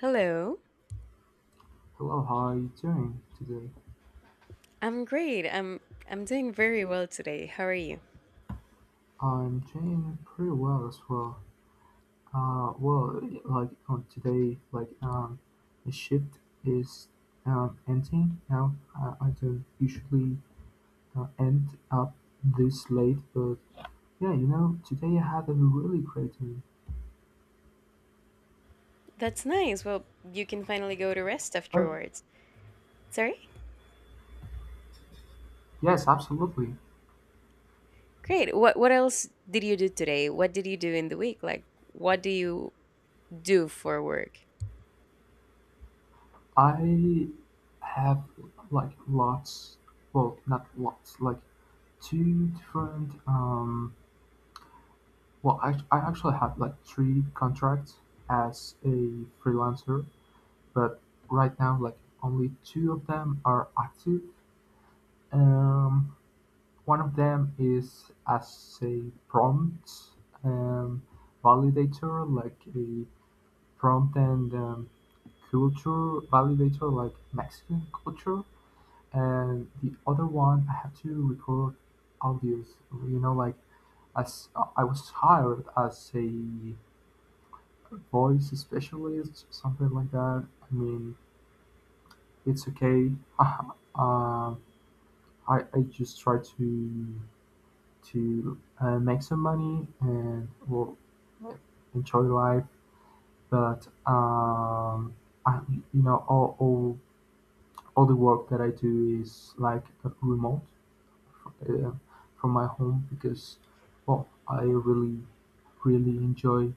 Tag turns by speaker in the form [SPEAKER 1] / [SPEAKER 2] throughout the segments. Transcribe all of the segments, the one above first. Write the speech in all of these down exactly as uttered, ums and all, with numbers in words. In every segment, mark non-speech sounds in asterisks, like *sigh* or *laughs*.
[SPEAKER 1] Hello.
[SPEAKER 2] Hello, how are you doing today?
[SPEAKER 1] I'm great. I'm I'm doing very well today. How are you?
[SPEAKER 2] I'm doing pretty well as well. Uh, well, like on today, like um, the shift is um ending now. I, I don't usually uh, end up this late, but yeah, you know, today I had a really great day.
[SPEAKER 1] That's nice. Well, you can finally go to rest
[SPEAKER 2] But
[SPEAKER 1] afterwards. Sorry?
[SPEAKER 2] yes, absolutely.
[SPEAKER 1] Great. What what else did you do today? What did you do in the week? Like what do you do for work?
[SPEAKER 2] I have like lots, well, not lots, like two different um well, I, I actually have like three contracts as a freelancer, but right now, like only two of them are active. Um, one of them is as a prompt um, validator, like a prompt and um, culture validator, like Mexican culture, and the other one I have to record audios. You know, like as I was hired as a voice specialist, something like that. I mean, it's okay. *laughs* uh, I I just try to to uh, make some money and well enjoy life. But um, I, you know all all all the work that I do is like remote uh, from my home because well I really really enjoy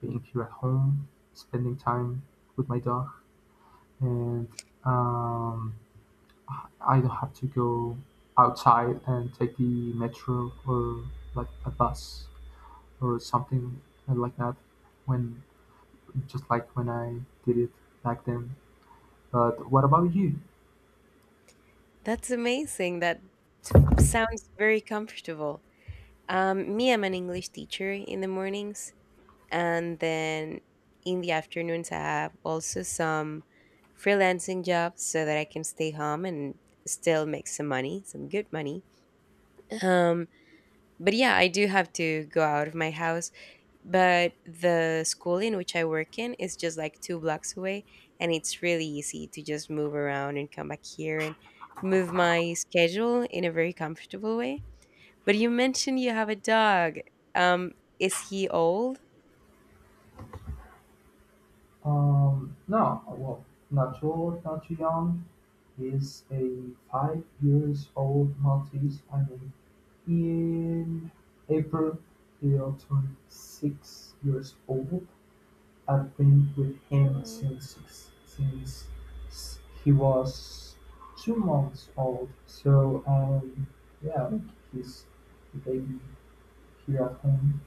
[SPEAKER 2] being here at home, spending time with my dog, and um, I don't have to go outside and take the metro or like a bus or something like that when just like when I did it back then. But what about you?
[SPEAKER 1] That's amazing. That s- sounds very comfortable. Um me, I'm an English teacher in the mornings. And then in the afternoons, I have also some freelancing jobs so that I can stay home and still make some money, some good money. um but yeah, I do have to go out of my house, but the school in which I work in is just like two blocks away, and it's really easy to just move around and come back here and move my schedule in a very comfortable way. But you mentioned you have a dog. um is he old?
[SPEAKER 2] Um, no, well, not too old, not too young. He's a five years old Maltese. I mean, in April, he'll turn six years old. I've been with him since since he was two months old, so um yeah, like he's the baby here at home.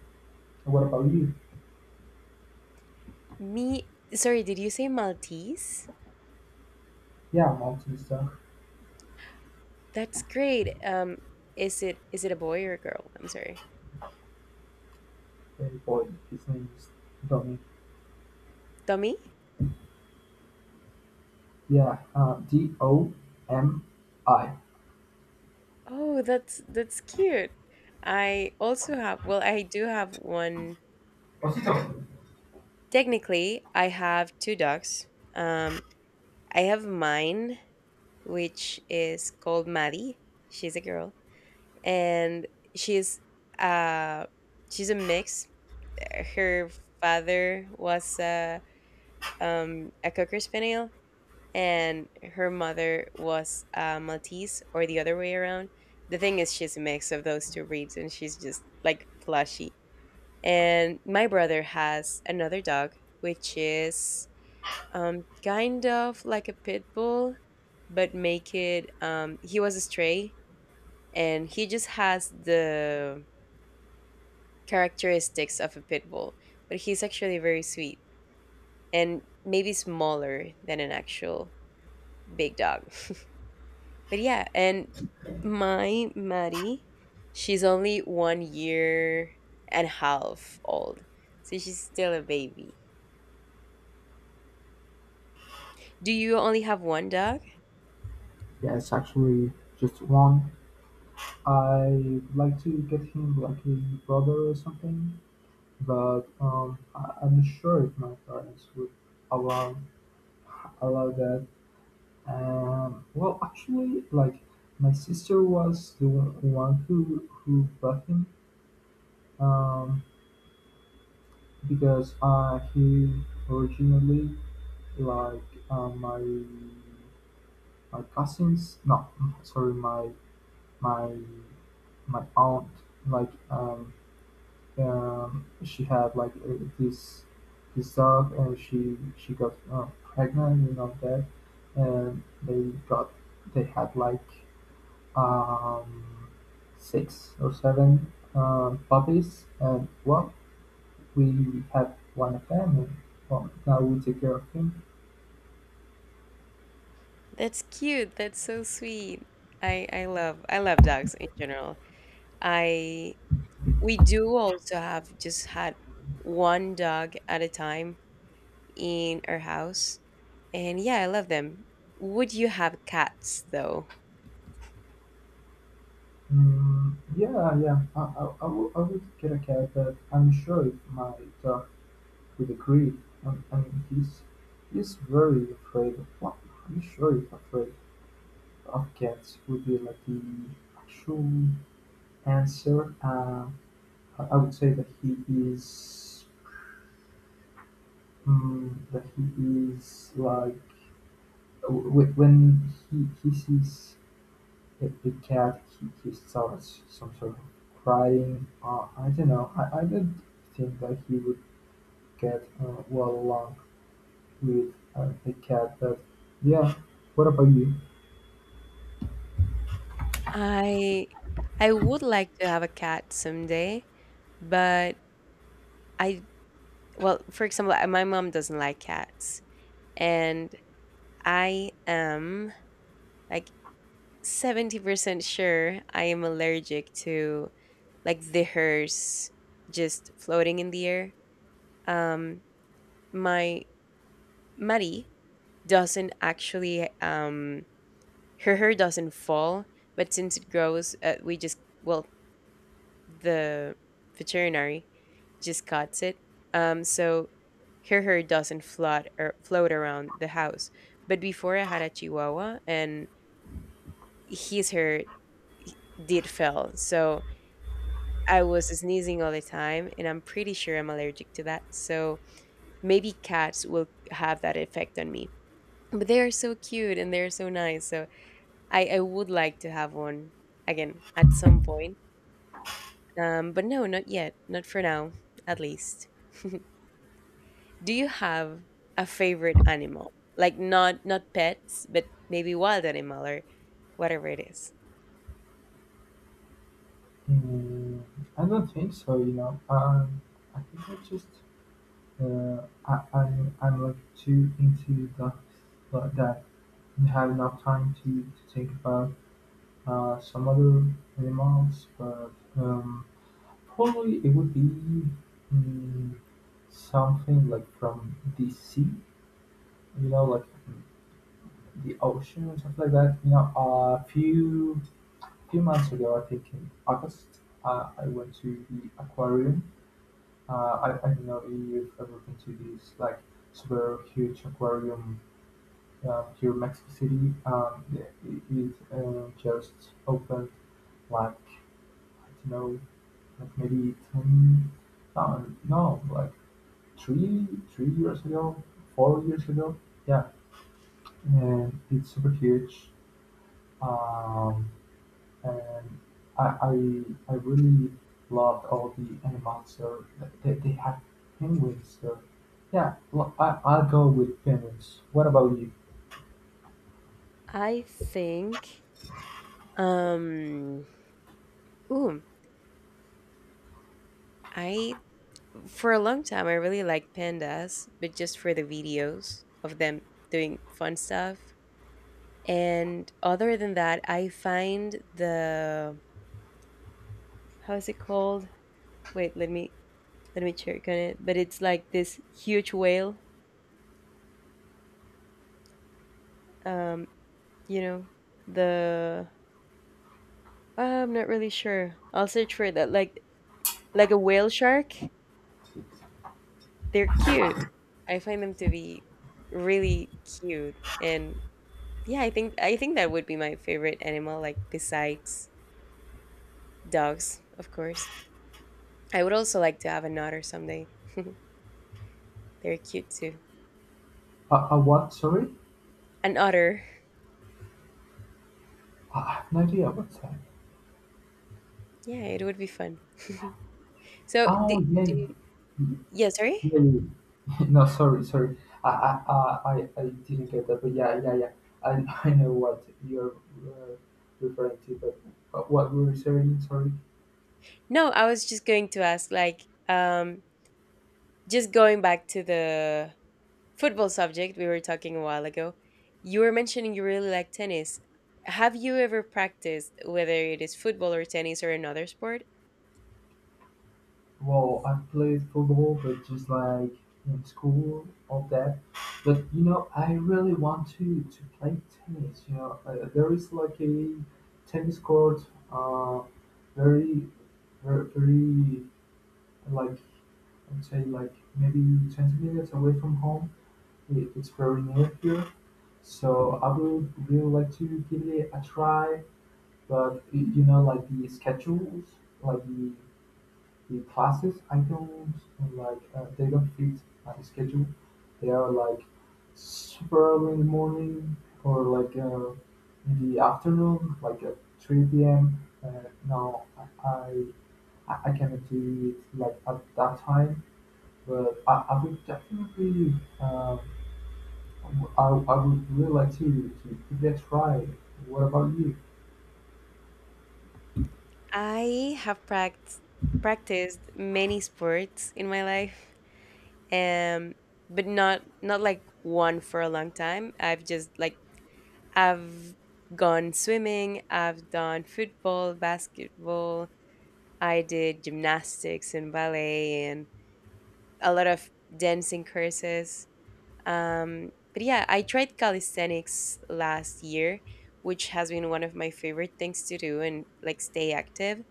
[SPEAKER 2] What about you?
[SPEAKER 1] Me, sorry, did you say Maltese?
[SPEAKER 2] Yeah, I'm autistic
[SPEAKER 1] That's great. Um, is it is it a boy or a girl? I'm sorry.
[SPEAKER 2] baby boy. His name is Domi.
[SPEAKER 1] Tommy?
[SPEAKER 2] Yeah, uh, D O M I.
[SPEAKER 1] Oh, that's that's cute. I also have, well, I do have one.
[SPEAKER 2] Yeah,
[SPEAKER 1] Technically, I have two dogs. Um, I have mine, which is called Maddie. She's a girl, and she's uh she's a mix. Her father was a um a cocker spaniel, and her mother was uh, Maltese or the other way around. The thing is, she's a mix of those two breeds, and she's just like plushy. And my brother has another dog, which is um, kind of like a pit bull, but make it. Um, he was a stray, and he just has the characteristics of a pit bull, but he's actually very sweet and maybe smaller than an actual big dog. But yeah, and my Maddie, she's only one year and a half old. So she's still a baby. Do you only have one dog?
[SPEAKER 2] it's actually just one. I would like to get him like a brother or something, but um, I, I'm not sure if my parents would allow about that. Um, well, actually, like my sister was the one who who bought him, um, because uh, he originally, like, uh, my my cousins. No, sorry, my my my aunt. Like um, um, she had like uh, this this dog, and she she got uh, pregnant and all that, and they got they had like um, six or seven uh, puppies, and well, we have one of them, and well, now we take care of him.
[SPEAKER 1] That's cute. That's so sweet. I I love I love dogs in general. I we do also have just had one dog at a time in our house. And yeah, I love them. Would you have cats though?
[SPEAKER 2] Mm, yeah, yeah, I, I, I, would, I would get a cat, but I'm sure if my dog would agree. Um, I mean, he's he's very afraid of. Well, I'm sure he's afraid of cats. Would be like the actual answer. Uh, I I would say that he is, mm, that he is like w- when he, he sees a, a cat, he, he starts some sort of crying. uh, I don't know. I, I don't think that he would get uh, well along with uh, a cat, but yeah, what about you?
[SPEAKER 1] I I would like to have a cat someday. But I, well, for example, uh, my mom doesn't like cats, and I am like seventy percent sure I am allergic to like the hairs just floating in the air. Um, my Maddie doesn't actually, um, her hair doesn't fall, but since it grows, uh, we just, well, the veterinary just cuts it. Um, so her hair doesn't flood or float around the house. But before I had a Chihuahua, and his hair did fell, so I was sneezing all the time, and I'm pretty sure I'm allergic to that. So maybe cats will have that effect on me. But they are so cute and they're so nice. So I, I would like to have one again at some point. Um, but no, not yet. Not for now, at least. *laughs* Do you have a favorite animal? Like not not pets, but maybe wild animal or whatever it is.
[SPEAKER 2] Mm, I don't think so. you know um, I think I just, uh, I, I'm, I'm like too into the, uh, that you have enough time to, to think about Uh, some other animals, but um, probably it would be, mm, something like from the sea, you know, like the ocean or something like that. You know, a few few months ago, I think in August, uh, I went to the aquarium. Uh, I, I don't know if you've ever been to this like super huge aquarium uh, here in Mexico City. Um, yeah, it, it uh, just opened like, I don't know, like maybe ten, um, no, like three, three years ago, four years ago. Yeah, and it's super huge. Um, and I, I, I really loved all the animals there. They, they have penguins there. Yeah, well, I, I'll go with penguins. What about you?
[SPEAKER 1] I think, um ooh, I for a long time, I really liked pandas, but just for the videos of them doing fun stuff. And other than that, I find the how is it called? Wait, let me let me check on it. But it's like this huge whale. Um, you know, the I'm not really sure. I'll search for that. Like like a whale shark. They're cute. I find them to be really cute. And yeah, I think I think that would be my favorite animal, like besides dogs, of course. I would also like to have an otter someday. *laughs* They're cute too.
[SPEAKER 2] Uh, uh, what? Sorry,
[SPEAKER 1] An otter.
[SPEAKER 2] I I have no idea what's that.
[SPEAKER 1] Yeah, it would be fun. *laughs* So do,
[SPEAKER 2] Oh yeah,
[SPEAKER 1] do yeah, sorry?
[SPEAKER 2] maybe. *laughs* No, sorry, sorry. I, I, I, I I didn't get that, but yeah, yeah, yeah. I, *laughs* I know what you're uh, referring to, but uh, what we were saying, sorry.
[SPEAKER 1] No, I was just going to ask, like, um, just going back to the football subject, we were talking a while ago. You were mentioning you really like tennis. Have you ever practiced, whether it is football or tennis or another sport?
[SPEAKER 2] Well, I played football, but just like in school, all that. But you know, I really want to to play tennis. You know, uh, there is like a tennis court, uh, very, very, very like, I'd say like maybe twenty minutes away from home. It, It's very near here, so I would really like to give it a try. But it, you know, like the schedules, like the the classes, I don't like. Uh, they don't fit my schedule. They are like super early in the morning or like uh, in the afternoon, like at three p m. Uh, no, I, I I cannot do it like at that time. But I, I would definitely, um, I I would really like to to give that a try. What about you?
[SPEAKER 1] I have practiced practiced many sports in my life, um, but not not like one for a long time. I've just, like, I've gone swimming. I've done football, basketball. I did gymnastics and ballet and a lot of dancing courses. Um, but yeah, I tried calisthenics last year, which has been one of my favorite things to do and like stay active.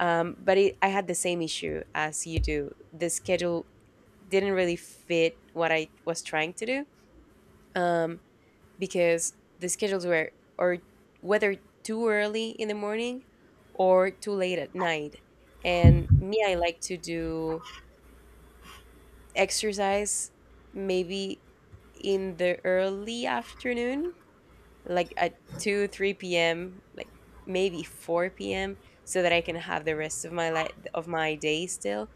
[SPEAKER 1] Um, but it, I had the same issue as you do. The schedule didn't really fit what I was trying to do, um, because the schedules were, or whether, too early in the morning or too late at night. And me, I like to do exercise maybe in the early afternoon, like at two, three p.m., like maybe four p.m., so that I can have the rest of my life, of my day, still.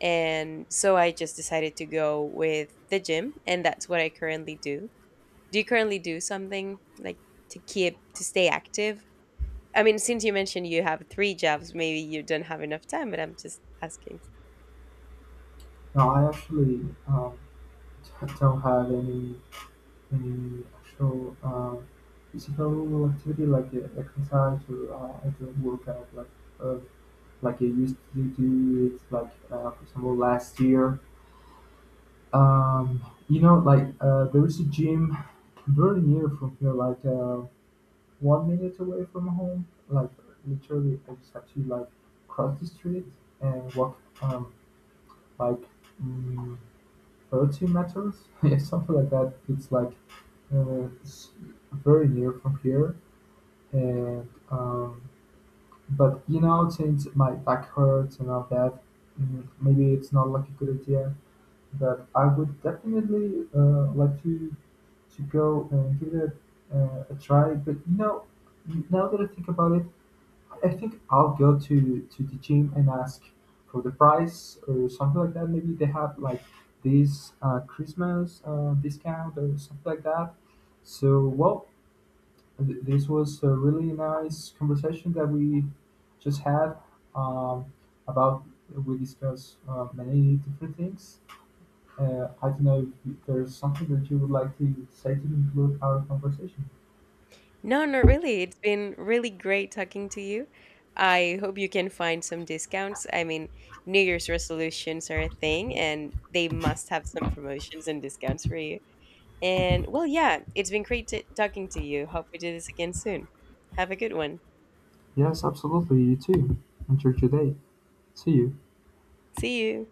[SPEAKER 1] And so I just decided to go with the gym, and that's what I currently do. Do you currently do something like to keep to stay active? I mean, since you mentioned you have three jobs, maybe you don't have enough time, but I'm just asking.
[SPEAKER 2] No, I actually um, t- don't have any any actual um, physical activity like uh, exercise. Or uh, I don't work out like uh, like I used to do it, like uh, for example, last year. Um, you know, like uh, there is a gym very near from here, like uh, one minute away from home, like literally I just had to like cross the street and walk um like, mm, thirty meters, *laughs* yeah, something like that. It's like uh, it's very near from here, and um, but you know, since my back hurts and all that, mm, maybe it's not like a good idea. But I would definitely uh, like to to go and give it a, uh, a try. But you know, now that I think about it, I think I'll go to to the gym and ask for the price or something like that. Maybe they have like this uh, Christmas uh, discount or something like that. So well, th- this was a really nice conversation that we just had, um, about we discussed uh, many different things. Uh, I don't know if there's something that you would like to say to conclude our conversation.
[SPEAKER 1] No, not really. It's been really great talking to you. I hope you can find some discounts. I mean, New Year's resolutions are a thing and they must have some promotions and discounts for you. And well, yeah, it's been great t- talking to you. Hope we do this again soon. Have a good one.
[SPEAKER 2] Yes, absolutely. You too. Enjoy your day. See you.
[SPEAKER 1] See you.